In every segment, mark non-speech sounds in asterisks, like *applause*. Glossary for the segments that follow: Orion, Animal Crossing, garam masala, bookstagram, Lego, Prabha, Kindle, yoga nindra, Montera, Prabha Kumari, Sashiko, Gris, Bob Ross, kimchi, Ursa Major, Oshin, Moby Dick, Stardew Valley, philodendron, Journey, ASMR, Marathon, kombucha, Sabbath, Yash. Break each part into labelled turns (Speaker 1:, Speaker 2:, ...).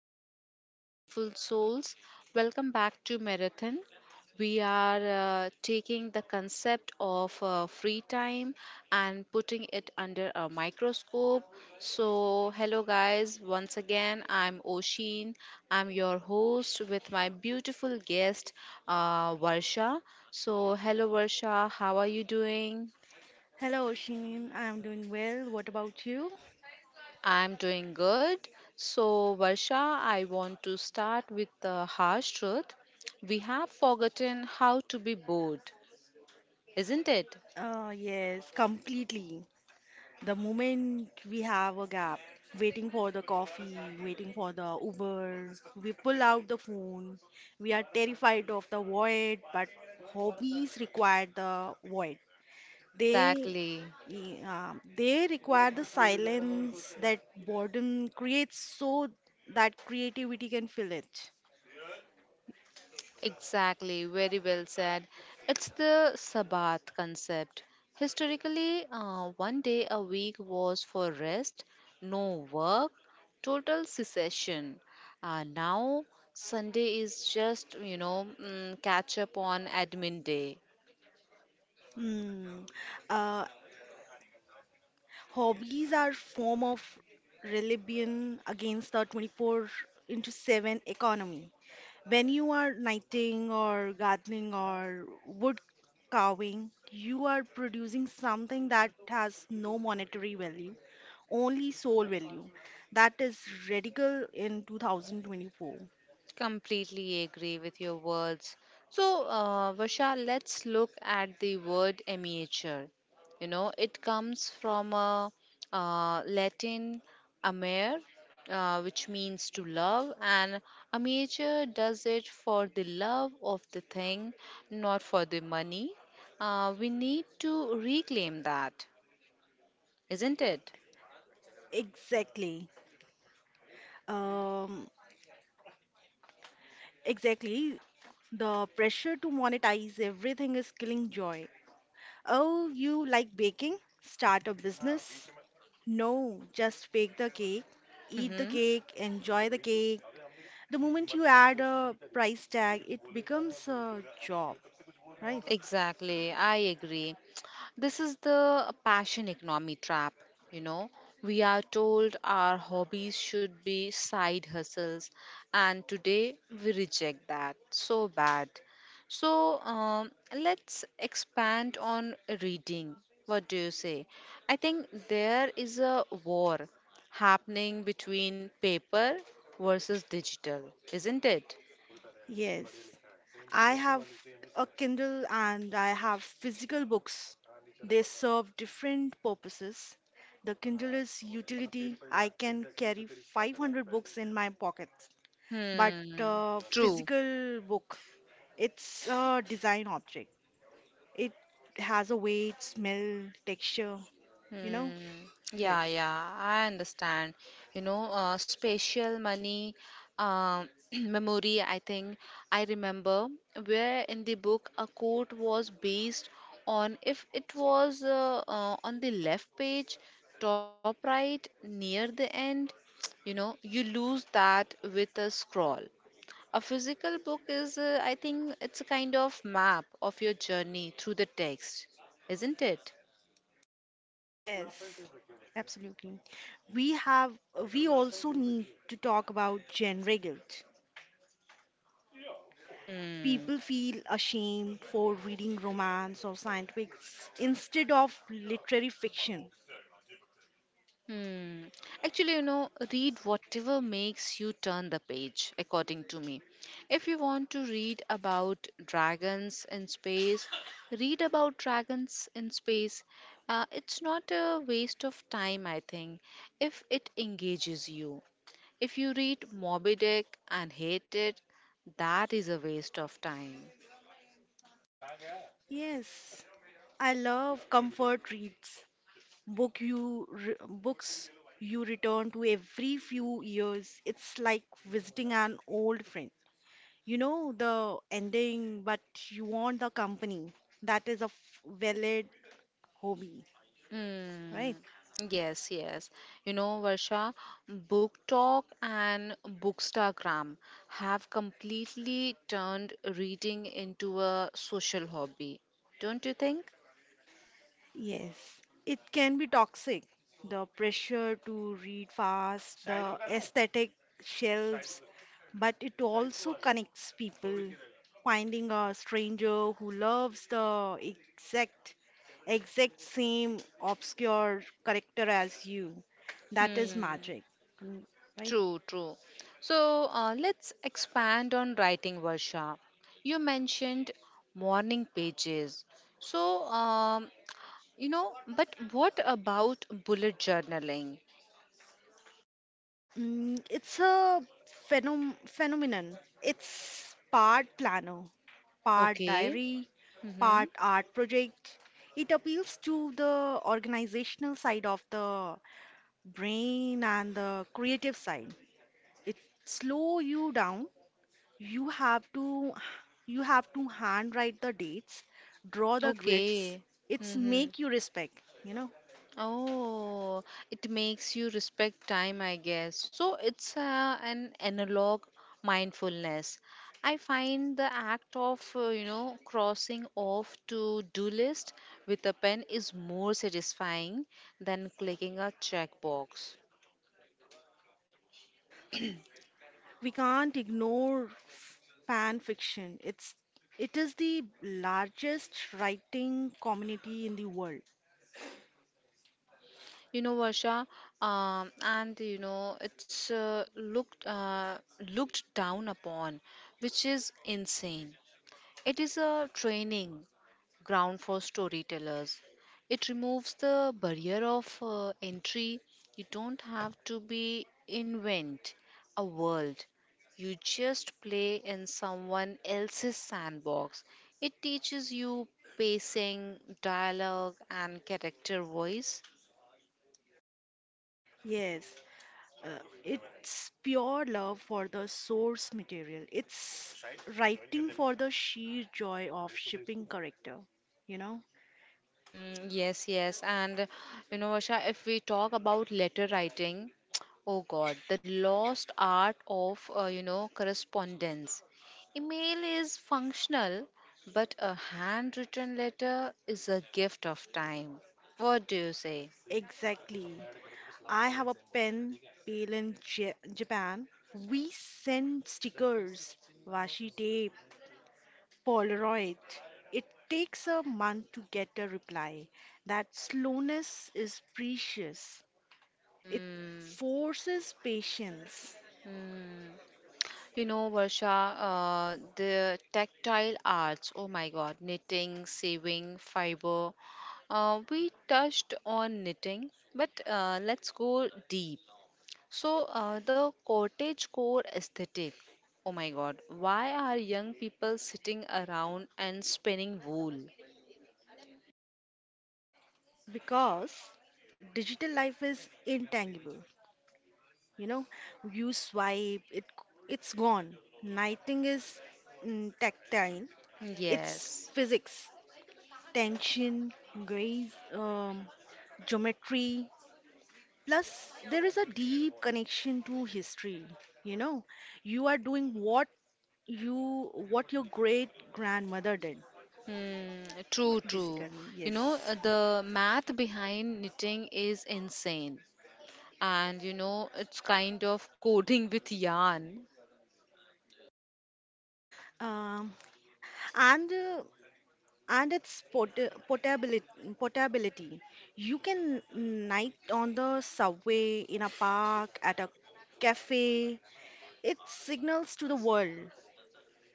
Speaker 1: everyone, hello beautiful souls. Welcome back to Marathon. We are taking the concept of free time and putting it under a microscope. So, hello guys, once again, I'm Oshin. I'm your host with my beautiful guest, Varsha. So, hello Varsha, how are you doing?
Speaker 2: Hello, Oshin. I'm doing well. What about you?
Speaker 1: I'm doing good. So, Varsha, I want to start with the harsh truth. We have forgotten how to be bored, isn't it?
Speaker 2: Yes, completely. The moment we have a gap, waiting for the coffee, waiting for the Uber, we pull out the phone. We are terrified of the void, but hobbies require the void. They
Speaker 1: Exactly.
Speaker 2: yeah, they require the silence that boredom creates so that creativity can fill it.
Speaker 1: Exactly. Very well said. It's the Sabbath concept. Historically, one day a week was for rest, no work, total cessation. Now, Sunday is just, catch up on admin day.
Speaker 2: Mm. Uh, Hobbies are form of rebellion against the 24 into 7 economy. When you are knitting or gardening or wood carving, you are producing something that has no monetary value, only soul value. That is radical in 2024.
Speaker 1: Completely agree with your words. So, Vasha, let's look at the word amateur. You know, it comes from a Latin amare, which means to love, and amateur does it for the love of the thing, not for the money. We need to reclaim that, isn't it?
Speaker 2: Exactly. Um, exactly. The pressure to monetize everything is killing joy. Oh, you like baking? Start a business? No, just bake the cake, eat the
Speaker 1: Hmm.
Speaker 2: cake, enjoy the cake. The moment you add a price tag, it becomes a job, right?
Speaker 1: Exactly, I agree. This is the passion economy trap, you know. We are told our hobbies should be side hustles, and today we reject that so bad. So, let's expand on reading. What do you say? I think there is a war happening between paper versus digital, isn't it?
Speaker 2: Yes. I have a Kindle and I have physical books. They serve different purposes. The Kindle is utility. I can carry 500 books in my pocket. But
Speaker 1: Hmm, true.
Speaker 2: physical book, it's a design object. It has a weight, smell, texture, you know?
Speaker 1: Mm, yeah,
Speaker 2: Yes.
Speaker 1: yeah, I understand. You know, spatial money, *clears throat* memory, I think I remember where in the book a quote was based on if it was on the left page, top right, near the end, *tsk* you know, you lose that with a scroll. A physical book is, I think, it's a kind of map of your journey through the text, isn't it?
Speaker 2: Yes, absolutely. We have, we also need to talk about genre guilt.
Speaker 1: Hmm.
Speaker 2: People feel ashamed for reading romance or science fiction instead of literary fiction.
Speaker 1: Hmm. Actually, you know, read whatever makes you turn the page, according to me. If you want to read about dragons in space, read about dragons in space. It's not a waste of time, I think, if it engages you. If you read Moby Dick and hate it, that is a waste of time.
Speaker 2: Yes, I love comfort reads. Books you return to every few years. It's like visiting an old friend. You know the ending, but you want the company. That is a valid hobby, right?
Speaker 1: Mm, yes, yes. You know, Varsha, book talk and bookstagram have completely turned reading into a social hobby, don't you think?
Speaker 2: Yes. It can be toxic. The pressure to read fast, the aesthetic shelves, but it also connects people. Finding a stranger who loves the exact same obscure character as you, that is
Speaker 1: Hmm.
Speaker 2: magic, mm, right?
Speaker 1: True, true. So let's expand on writing, Varsha. You mentioned morning pages. So, you know, but what about bullet journaling?
Speaker 2: It's a phenomenon. It's part planner, part
Speaker 1: Okay.
Speaker 2: diary,
Speaker 1: Mm-hmm.
Speaker 2: part art project. It appeals to the organizational side of the brain and the creative side. It slow you down. You have to you have to handwrite the dates, draw the grids.
Speaker 1: Okay.
Speaker 2: It's
Speaker 1: Mm-hmm.
Speaker 2: make you respect, you know.
Speaker 1: Oh, it makes you respect time, I guess. So it's an analog mindfulness. I find the act of, you know, crossing off to-do list with a pen is more satisfying than clicking a checkbox.
Speaker 2: We can't ignore fan fiction. It is the largest writing community in the world.
Speaker 1: You know, Varsha, and you know, it's looked down upon, which is insane. It is a training ground for storytellers. It removes the barrier of entry. You don't have to be invent a world. You just play in someone else's sandbox. It teaches you pacing, dialogue, and character voice.
Speaker 2: Yes, uh, it's pure love for the source material. It's writing for the sheer joy of shipping character. You know
Speaker 1: Mm, yes, yes. And you know, Vasha, if we talk about letter writing, *tsk* oh God, the lost art of, you know, correspondence. Email is functional, but a handwritten letter is a gift of time. What do you say?
Speaker 2: exactly. I have a pen pal in Japan. We send stickers, washi tape, Polaroid. It takes a month to get a reply. That slowness is precious. It
Speaker 1: Hmm.
Speaker 2: forces patience
Speaker 1: You know, Varsha, the tactile arts, oh my God, knitting, sewing, fiber. We touched on knitting, but let's go deep. So, the cottage core aesthetic. Oh my god, why are young people sitting around and spinning wool?
Speaker 2: because digital life is intangible. You know, you swipe, it's gone. Nothing is tactile. It's
Speaker 1: Yes.
Speaker 2: physics, tension, grace, geometry. Plus, there is a deep connection to history. You know, you are doing what your great grandmother did,
Speaker 1: Hmm, true, true.
Speaker 2: basically.
Speaker 1: You know,
Speaker 2: Yes.
Speaker 1: the math behind knitting is insane. And you know, it's kind of coding with yarn.
Speaker 2: Um, and uh, and its portability, portability. You can night on the subway, in a park, at a cafe. It signals to the world,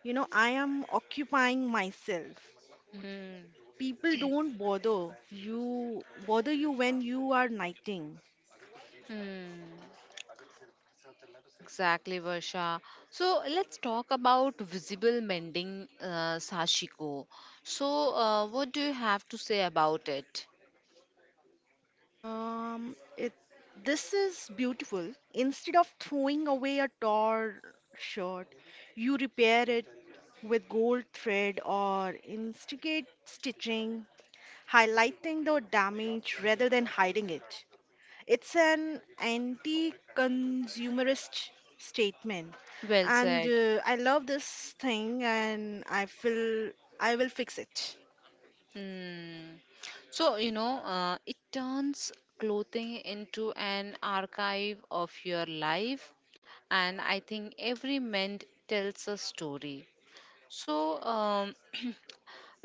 Speaker 2: you know, I am occupying myself.
Speaker 1: Hmm.
Speaker 2: People don't bother you when you are knighting.
Speaker 1: Hmm. Exactly, Varsha. So let's talk about visible mending, Sashiko. So, what do you have to say about it?
Speaker 2: It This is beautiful. Instead of throwing away a torn shirt, you repair it with gold thread or instigate stitching, highlighting the damage rather than hiding it. It's an anti-consumerist statement,
Speaker 1: Well
Speaker 2: and
Speaker 1: said.
Speaker 2: uh, I love this thing, and I feel I will fix it.
Speaker 1: Hmm. So, you know, it turns clothing into an archive of your life, and I think every mend tells a story. So, *clears throat*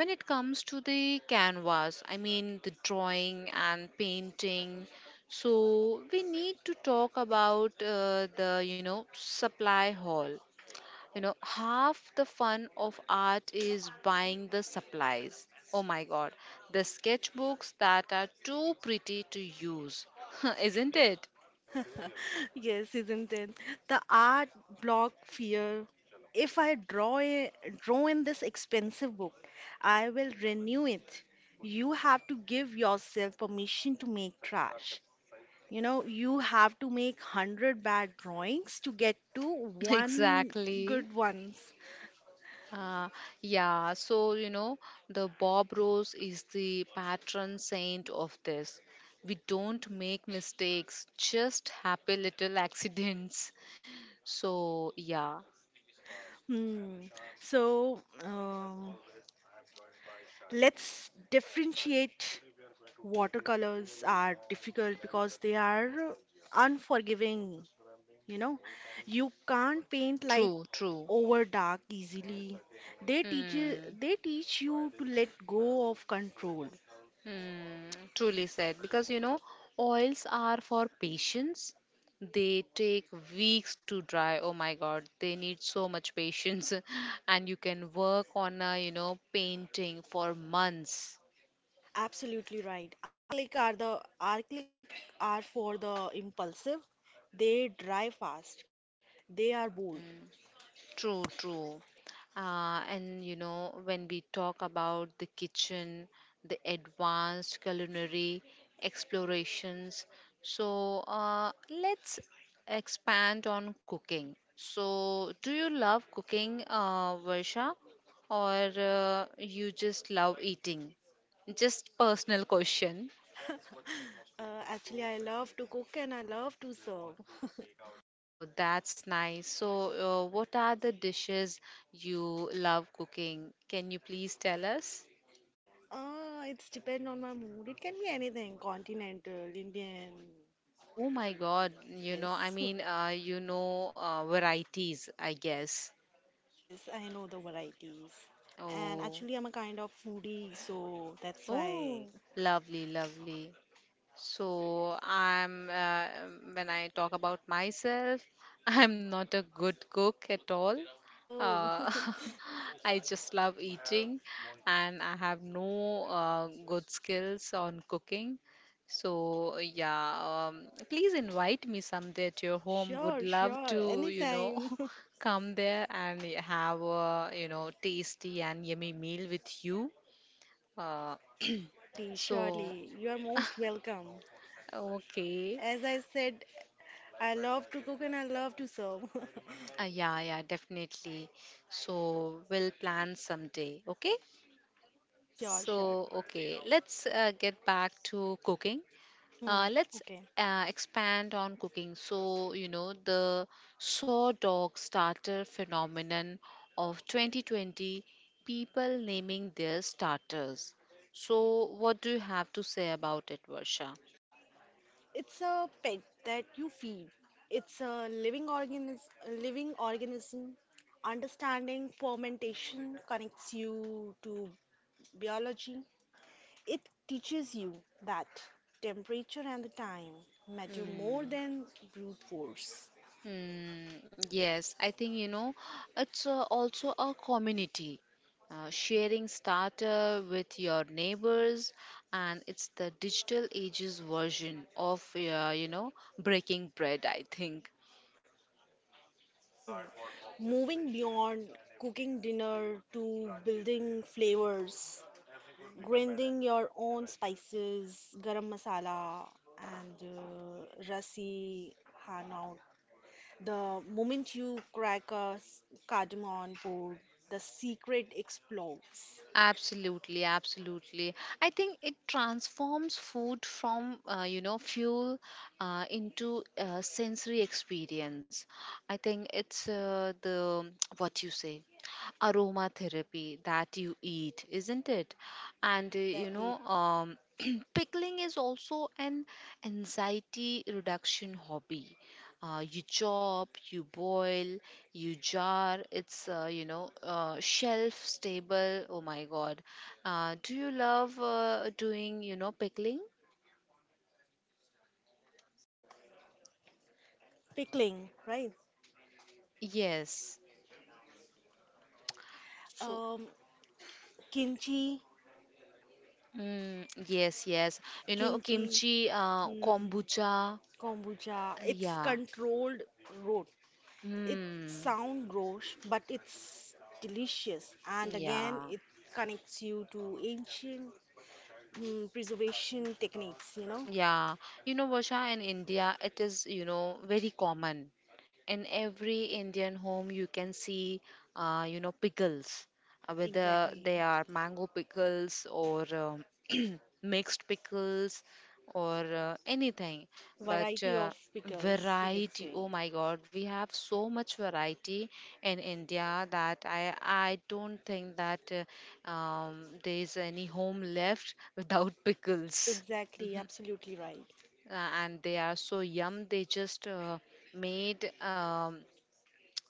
Speaker 1: when it comes to the canvas, I mean the drawing and painting, so we need to talk about the supply hall. You know, half the fun of art is buying the supplies. Oh my god, the sketchbooks that are too pretty to use, *laughs* isn't it?
Speaker 2: *laughs* Yes, isn't it? The art block fear. If I draw in this expensive book, I will renew it. You have to give yourself permission to make trash. You know, you have to make 100 bad drawings to get to
Speaker 1: *laughs*
Speaker 2: one
Speaker 1: Exactly.
Speaker 2: good ones.
Speaker 1: Uh, yeah, so you know, the Bob Rose is the patron saint of this. We don't make mistakes, just happy little *laughs* accidents. So, yeah,
Speaker 2: Hmm. So let's differentiate. Watercolors are difficult because they are unforgiving, you know. You can't paint light
Speaker 1: true, true.
Speaker 2: over dark easily. They teach you,
Speaker 1: Hmm,
Speaker 2: they teach you to let go of control.
Speaker 1: hmm, truly said. Because you know, oils are for patience. They take weeks to dry. Oh my God, they need so much patience. *laughs* And you can work on a, you know, painting for months.
Speaker 2: Absolutely right. Acrylic are for the impulsive. They dry fast. They are bold.
Speaker 1: True, true. And you know, when we talk about the kitchen, the advanced culinary explorations, so let's expand on cooking. So, do you love cooking, Varsha, or you just love eating? Just personal question.
Speaker 2: Actually, I love to cook and I love to serve.
Speaker 1: Oh, that's nice. So, what are the dishes you love cooking? Can you please tell us?
Speaker 2: It's depend on my mood. It can be anything, continental, Indian.
Speaker 1: Oh my God, you know, I
Speaker 2: Yes.
Speaker 1: mean,
Speaker 2: *laughs*
Speaker 1: varieties, I guess.
Speaker 2: Yes, I know the varieties. And
Speaker 1: Oh,
Speaker 2: actually, I'm a kind of foodie, so that's
Speaker 1: oh,
Speaker 2: why.
Speaker 1: lovely, lovely. So I'm when I talk about myself, *laughs* I'm not a good cook at all.
Speaker 2: Oh,
Speaker 1: Uh, *laughs* I just love eating, and I have no good skills on cooking. So yeah, please invite me someday at your
Speaker 2: *laughs*
Speaker 1: home. Would
Speaker 2: sure,
Speaker 1: love
Speaker 2: sure.
Speaker 1: to, you know,
Speaker 2: Anytime.
Speaker 1: *laughs* come there and have a, you know, tasty and yummy meal with you. Uh,
Speaker 2: *laughs*
Speaker 1: *clears throat*
Speaker 2: Surely,
Speaker 1: so
Speaker 2: surely. You are most welcome.
Speaker 1: okay.
Speaker 2: As I said, I love to cook and I love to serve. *laughs*
Speaker 1: Yeah, yeah, definitely. So we'll plan someday, okay?
Speaker 2: Sure, sure.
Speaker 1: So, okay, let's get back to cooking.
Speaker 2: Hmm,
Speaker 1: Let's
Speaker 2: okay.
Speaker 1: expand on cooking. So, you know, the saw dog starter phenomenon of 2020, people naming their starters. So, what do you have to say about it, Varsha?
Speaker 2: It's a pet that you feed. It's a living organism. Understanding fermentation connects you to biology. It teaches you that temperature and the time matter more
Speaker 1: Hmm.
Speaker 2: than brute force.
Speaker 1: Hmm. Yes, I think you know it's also a community. Sharing starter with your neighbors, and it's the digital ages version of breaking bread. I think
Speaker 2: Mm. Moving beyond cooking dinner to building flavors, grinding your own spices, garam masala, and rasi hanaut. The moment you crack a cardamom board, the secret explodes.
Speaker 1: absolutely, absolutely. I think it transforms food from fuel into a sensory experience. I think it's the *tsk* what you say aromatherapy that you eat, isn't it? And you
Speaker 2: Exactly.
Speaker 1: know, *clears throat* pickling is also an anxiety reduction hobby. You chop, you boil, you jar. It's shelf stable. Oh my God! Do you love doing pickling?
Speaker 2: Pickling, right?
Speaker 1: Yes. So
Speaker 2: Um, kimchi,
Speaker 1: yes, yes. You know
Speaker 2: kimchi,
Speaker 1: kimchi,
Speaker 2: hmm,
Speaker 1: kombucha.
Speaker 2: kombucha. It's
Speaker 1: Yeah.
Speaker 2: controlled road. It
Speaker 1: Hmm.
Speaker 2: sound gross, but it's delicious. And again,
Speaker 1: Yeah.
Speaker 2: it connects you to ancient preservation techniques. You know,
Speaker 1: Yeah, you know, Vasha, in India, it is, you know, very common. In every Indian home, you can see, you know, pickles, whether
Speaker 2: exactly.
Speaker 1: they are mango pickles or *clears throat* mixed pickles or anything. But
Speaker 2: Variety of pickles, you can
Speaker 1: variety,
Speaker 2: say.
Speaker 1: oh my God, we have so much variety in India that I don't think that there is any home left *laughs* without pickles,
Speaker 2: Exactly, absolutely right.
Speaker 1: uh, and they are so yum. They just made,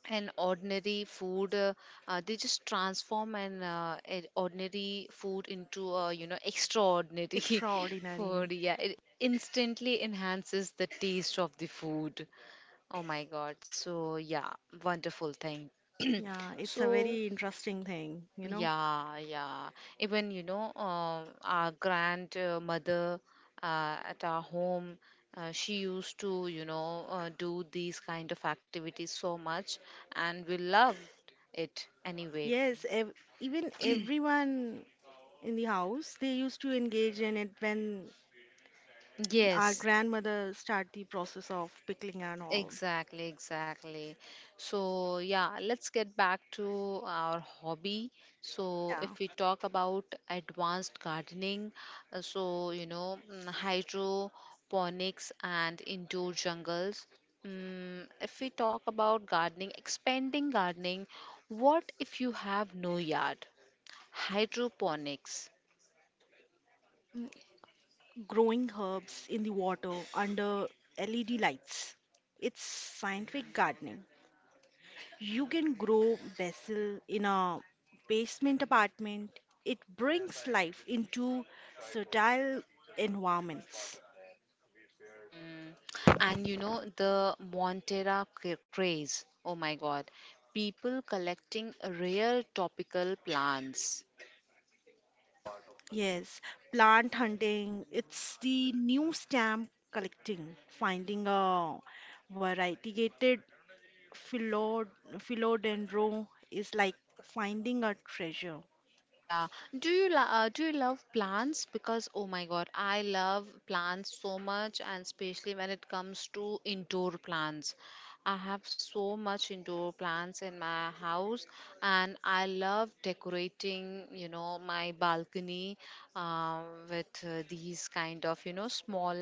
Speaker 1: an ordinary food, they just transform an a ordinary food into a extraordinary *laughs*
Speaker 2: Extraordinary.
Speaker 1: food. Yeah, it instantly enhances the taste of the food. Oh my god, so yeah, wonderful thing. *clears throat*
Speaker 2: Yeah, it's
Speaker 1: So
Speaker 2: a very interesting thing, you know.
Speaker 1: yeah, yeah. Even, you know, our grandmother, at our home, she used to, you know, do these kind of activities so much, and we loved it anyway.
Speaker 2: Yes, ev even everyone in the house, they used to engage in it when our
Speaker 1: Yes,
Speaker 2: grandmother start the process of pickling and all.
Speaker 1: exactly, exactly. So, yeah, let's get back to our hobby. So,
Speaker 2: Yeah.
Speaker 1: if we talk about advanced gardening, so you know, hydroponics and indoor jungles. If we talk about gardening, expanding gardening, what if you have no yard? Hydroponics.
Speaker 2: Mm, growing herbs in the water under LED lights. It's scientific gardening. You can grow basil in a basement apartment. It brings life into fertile environments.
Speaker 1: Mm. And you know, the Montera craze. Oh my God. People collecting rare topical plants.
Speaker 2: Yes, plant hunting, it's the new stamp collecting, finding a variegated philo philodendron is like finding a treasure.
Speaker 1: Yeah. Do you love plants? Because oh my God, I love plants so much, and especially when it comes to indoor plants. I have so much indoor plants in my house, and I love decorating, you know, my balcony, uh, with these kind of, you know, small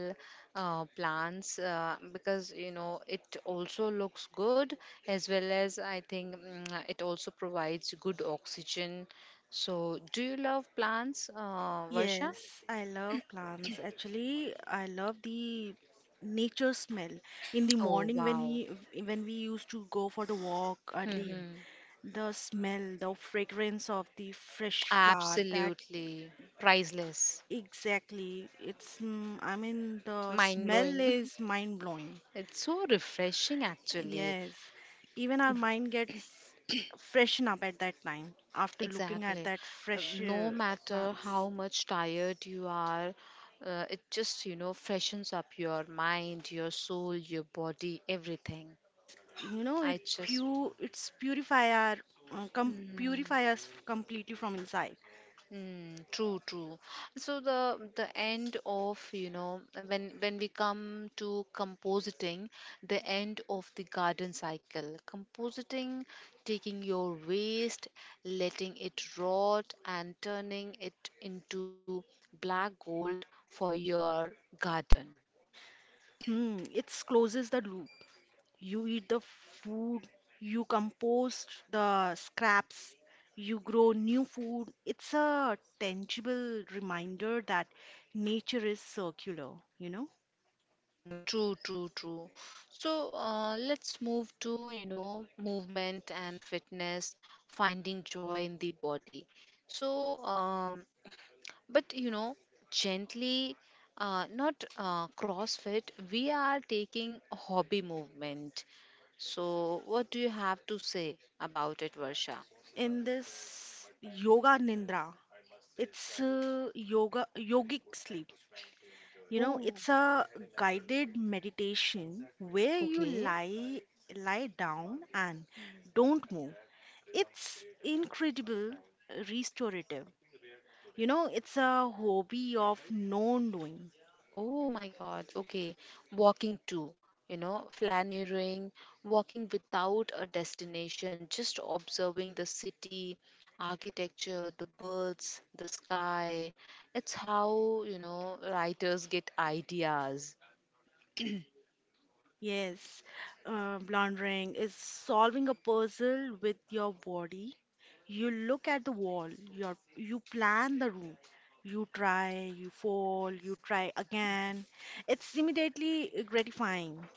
Speaker 1: plants, because, you know, it also looks good as well as I think, it also provides good oxygen. So, do you love plants, Varsha?
Speaker 2: Yes, I love plants. Actually, I love the nature smell. In the
Speaker 1: Oh,
Speaker 2: morning
Speaker 1: wow.
Speaker 2: when we used to go for the walk early,
Speaker 1: Hmm.
Speaker 2: the smell, the fragrance of the fresh flower, that
Speaker 1: Absolutely. Priceless.
Speaker 2: exactly. It's I mean the
Speaker 1: Mind
Speaker 2: smell
Speaker 1: blowing.
Speaker 2: is mind blowing.
Speaker 1: *laughs* It's so refreshing, actually.
Speaker 2: Yes. Even our mind gets freshen up at that time after looking at
Speaker 1: Exactly.
Speaker 2: that fresh
Speaker 1: No matter
Speaker 2: plants.
Speaker 1: how much tired you are, it just, you know, freshens up your mind, your soul, your body, everything.
Speaker 2: Yes, you know
Speaker 1: I
Speaker 2: it
Speaker 1: just.
Speaker 2: pu it's purify our com purify us completely from inside.
Speaker 1: Mm, true, true. So the end of when we come to compositing, the end of the garden cycle, compositing, taking your waste, letting it rot, and turning it into black gold for your garden.
Speaker 2: Hmm, it closes the loop. You eat the food, you compost the scraps, you grow new food. It's a tangible reminder that nature is circular, you know.
Speaker 1: Mm, true, true, true. So let's move to, you know, movement and fitness, finding joy in the body. So, but you know, gently, not crossfit. We are taking hobby movement. So, what do you have to say about it, Varsha?
Speaker 2: In this yoga nindra, it's yoga yogic sleep. You know, it's
Speaker 1: Oh,
Speaker 2: a guided meditation where you
Speaker 1: okay.
Speaker 2: lie down and don't move. It's incredible restorative. You know, it's a hobby of non-doing.
Speaker 1: Oh my god, okay. Walking too, you know, flaneering, walking without a destination, just observing the city, architecture, the birds, the sky. It's how, you know, writers get ideas.
Speaker 2: Yes, laundering is solving a puzzle with your body. You look at the wall, you plan the room. You try, you fall, you try
Speaker 1: *laughs*
Speaker 2: again. It's immediately gratifying,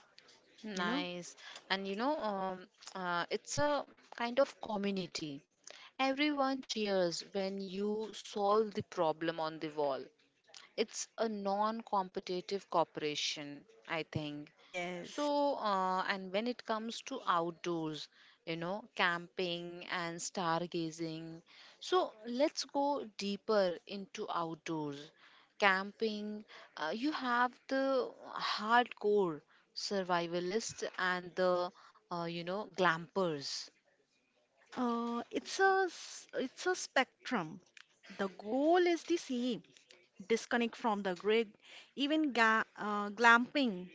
Speaker 2: you know?
Speaker 1: Nice. And you know, it's a kind of community. Everyone cheers when you solve the problem on the wall. It's a non competitive cooperation, I think.
Speaker 2: Yes.
Speaker 1: So, and when it comes to outdoors, you know, camping and stargazing. So, let's go deeper into outdoors. Camping, you have the hardcore survivalists and glampers.
Speaker 2: It's a spectrum. The goal is the same. Disconnect from the grid. Even ga glamping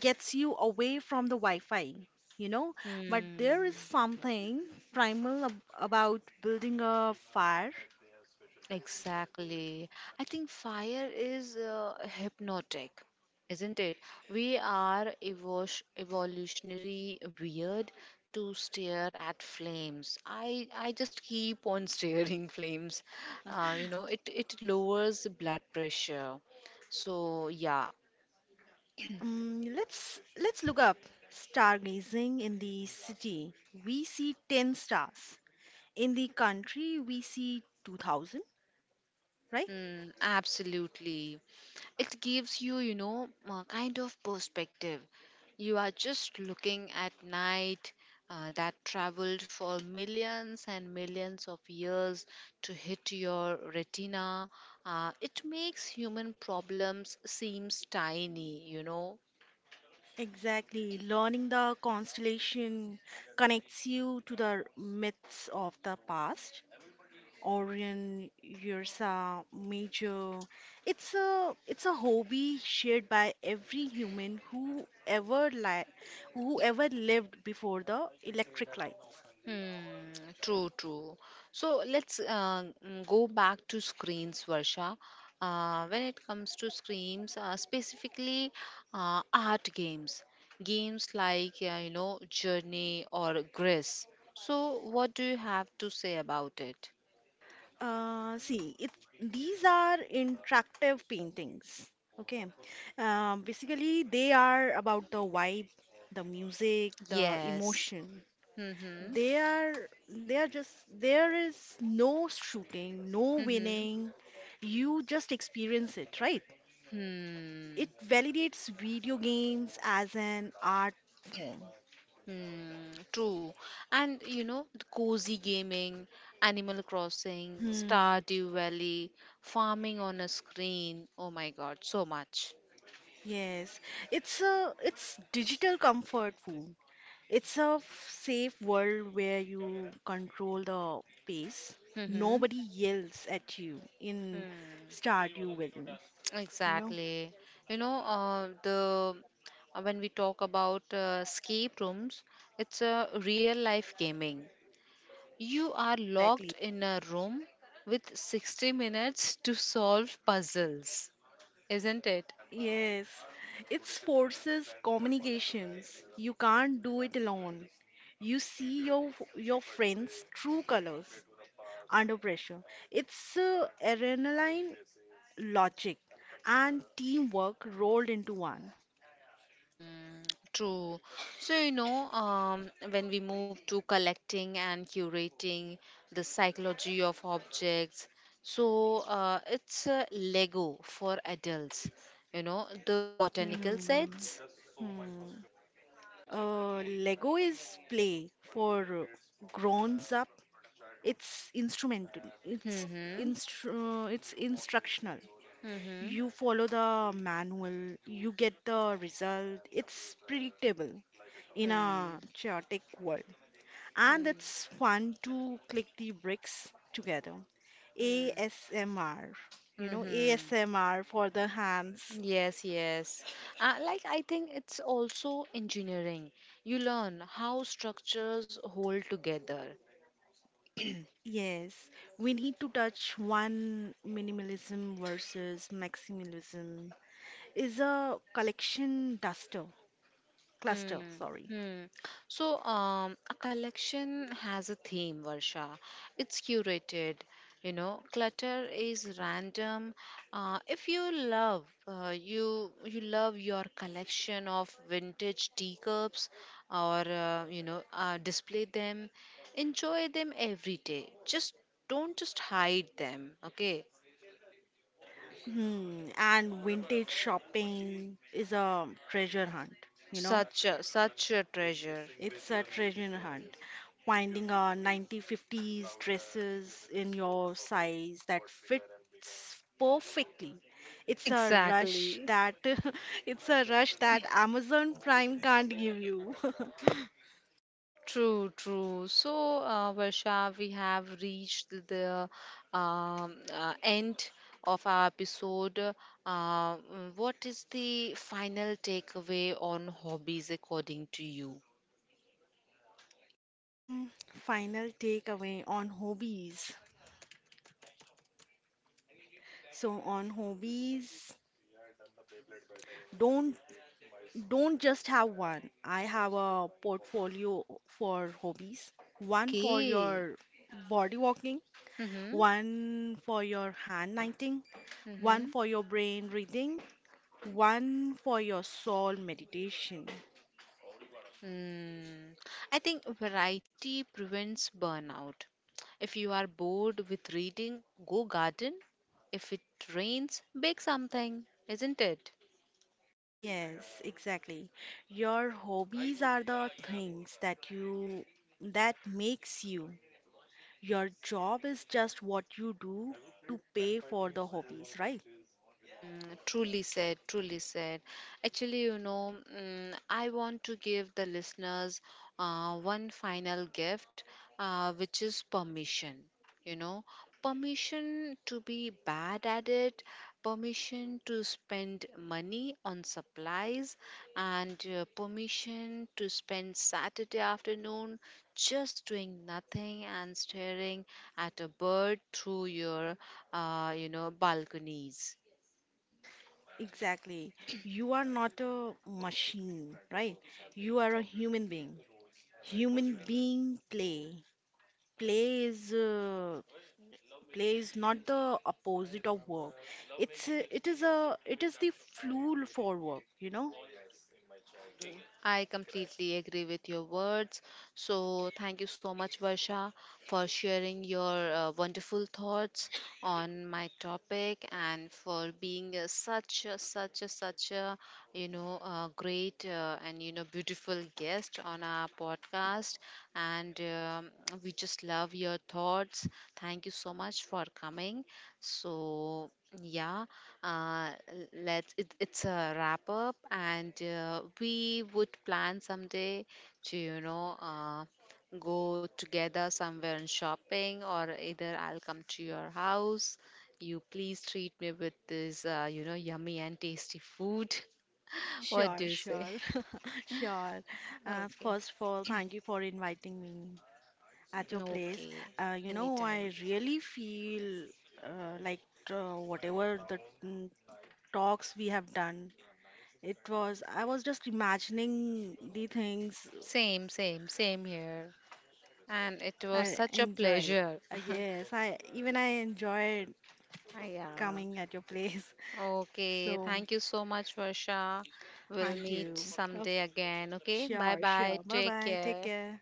Speaker 2: gets you away from the Wi-Fi, you know. But there is
Speaker 1: Hmm.
Speaker 2: something primal ab about building a fire.
Speaker 1: Exactly. I think fire is hypnotic, isn't it? We are evolutionary weird to stare at flames. I just keep on staring *laughs* flames. You know, it lowers blood pressure. So yeah,
Speaker 2: Let's look up stargazing in the city. We see 10 stars. In the country, we see 2000, right?
Speaker 1: Mm, absolutely. It gives you, you know, a kind of perspective. You are just looking at night that traveled for millions and millions of years to hit your retina. It makes human problems seems tiny, you know.
Speaker 2: Exactly. Learning the constellation connects you to the myths of the past. Orion, Ursa, Major. It's a hobby shared by every human who ever lived before the electric light.
Speaker 1: Hmm, true, true. So let's go back to screens, Varsha. When it comes to screens, specifically art games, games like you know Journey or Gris. So what do you have to say about it?
Speaker 2: See, it these are interactive paintings. Okay. Basically, they are about the vibe, the music, the
Speaker 1: Yes.
Speaker 2: emotion.
Speaker 1: Mm-hmm.
Speaker 2: They are they are just There is no shooting, no
Speaker 1: Mm-hmm.
Speaker 2: winning. You just experience it, right? It
Speaker 1: Hmm.
Speaker 2: validates video games as an art form.
Speaker 1: Hmm, true. And you know, the cozy gaming, Animal Crossing,
Speaker 2: Hmm.
Speaker 1: Stardew Valley, farming on a screen. Oh my God, so much.
Speaker 2: Yes, it's digital comfort food. It's a safe world where you control the pace.
Speaker 1: Mm-hmm.
Speaker 2: Nobody yells at you in
Speaker 1: Hmm,
Speaker 2: Stardew Valley, you know?
Speaker 1: exactly. You know, the When we talk about escape rooms, it's a real life gaming. You are
Speaker 2: Exactly.
Speaker 1: locked in a room with 60 minutes to solve puzzles, isn't it?
Speaker 2: Yes, it forces communications. You can't do it alone. You see your friends' true colors under pressure. It's adrenaline, logic, and teamwork rolled into one.
Speaker 1: True. So, when we move to collecting and curating the psychology of objects, so it's Lego for adults, you know, the
Speaker 2: Hmm.
Speaker 1: botanical sets.
Speaker 2: Hmm. Lego is play for grown up. It's instrumental. It's
Speaker 1: Mm-hmm.
Speaker 2: instru- uh, it's instructional.
Speaker 1: Mm-hmm.
Speaker 2: You follow the manual, you get the result. It's predictable in a
Speaker 1: Hmm.
Speaker 2: chaotic world. And
Speaker 1: Hmm.
Speaker 2: it's fun to click the bricks together.
Speaker 1: Hmm.
Speaker 2: ASMR, you know,
Speaker 1: Mm-hmm.
Speaker 2: ASMR for the hands.
Speaker 1: Yes, yes. Like I think it's also engineering. You learn how structures hold together.
Speaker 2: Yes, we need to touch one minimalism versus maximalism is a collection cluster,
Speaker 1: Mm.
Speaker 2: sorry.
Speaker 1: Hmm. So, a collection has a theme, Varsha. It's curated. You know, clutter is random. If you love, uh, you you love your collection of vintage teacups, or display them, enjoy them every day. Just don't just hide them. Okay,
Speaker 2: Hmm, and vintage shopping is a treasure hunt, you know?
Speaker 1: such a, such a treasure.
Speaker 2: It's a treasure hunt. Finding a 1950s dresses in your size that fits perfectly.
Speaker 1: *laughs*
Speaker 2: It's a rush
Speaker 1: Exactly.
Speaker 2: that *laughs* it's a rush that Amazon Prime can't give you. *laughs*
Speaker 1: True, true. So, Varsha, we have reached the end of our episode. What is the final takeaway on hobbies according to you?
Speaker 2: Final takeaway on hobbies. So on hobbies, don't don't just have one. I have a portfolio for hobbies, one for
Speaker 1: Okay.
Speaker 2: your body walking,
Speaker 1: Mm-hmm.
Speaker 2: one for your hand knitting, one
Speaker 1: Mm-hmm.
Speaker 2: for your brain reading, one for your soul meditation.
Speaker 1: Mm. I think variety prevents burnout. If you are bored with reading, go garden. If it rains, bake something, isn't it?
Speaker 2: Yes, exactly. Your hobbies are the things that makes you. Your job is just what you do to pay for the hobbies, right?
Speaker 1: Mm, truly said, truly said. Actually, I want to give the listeners one final gift, which is permission. You know, permission to be bad at it, permission to spend money on supplies, and permission to spend Saturday afternoon just doing nothing and staring at a bird through your, balconies.
Speaker 2: Exactly. You are not a machine, right? You are a human being. Human being play. Play is uh, play is not the opposite of work. It is the fuel for work, you know?
Speaker 1: I completely agree with your words. So, thank you so much, Varsha, for sharing your wonderful thoughts on my topic and for being such a, such a, such a, great and beautiful guest on our podcast. And we just love your thoughts. Thank you so much for coming. So, yeah. It's a wrap up, and we would plan someday to go together somewhere and shopping, or either I'll come to your house. You please treat me with this, yummy and tasty food. *laughs* What do
Speaker 2: Sure,
Speaker 1: you say?
Speaker 2: sure, *laughs* sure.
Speaker 1: Okay,
Speaker 2: First of all, thank you for inviting me at your place.
Speaker 1: okay,
Speaker 2: You know,
Speaker 1: anytime.
Speaker 2: I really feel like whatever the mm, talks we have done. I was just imagining the things.
Speaker 1: Same, same, same here. And it was
Speaker 2: I
Speaker 1: such a
Speaker 2: enjoyed.
Speaker 1: pleasure.
Speaker 2: Yes, I even I enjoyed
Speaker 1: *laughs* Yeah.
Speaker 2: coming at your place. *laughs*
Speaker 1: Okay,
Speaker 2: So,
Speaker 1: thank you so much, Varsha. We'll
Speaker 2: thank
Speaker 1: meet
Speaker 2: you. Oh,
Speaker 1: someday again. Okay, bye
Speaker 2: sure,
Speaker 1: bye.
Speaker 2: sure. Bye
Speaker 1: Take
Speaker 2: bye. Take
Speaker 1: care.
Speaker 2: care.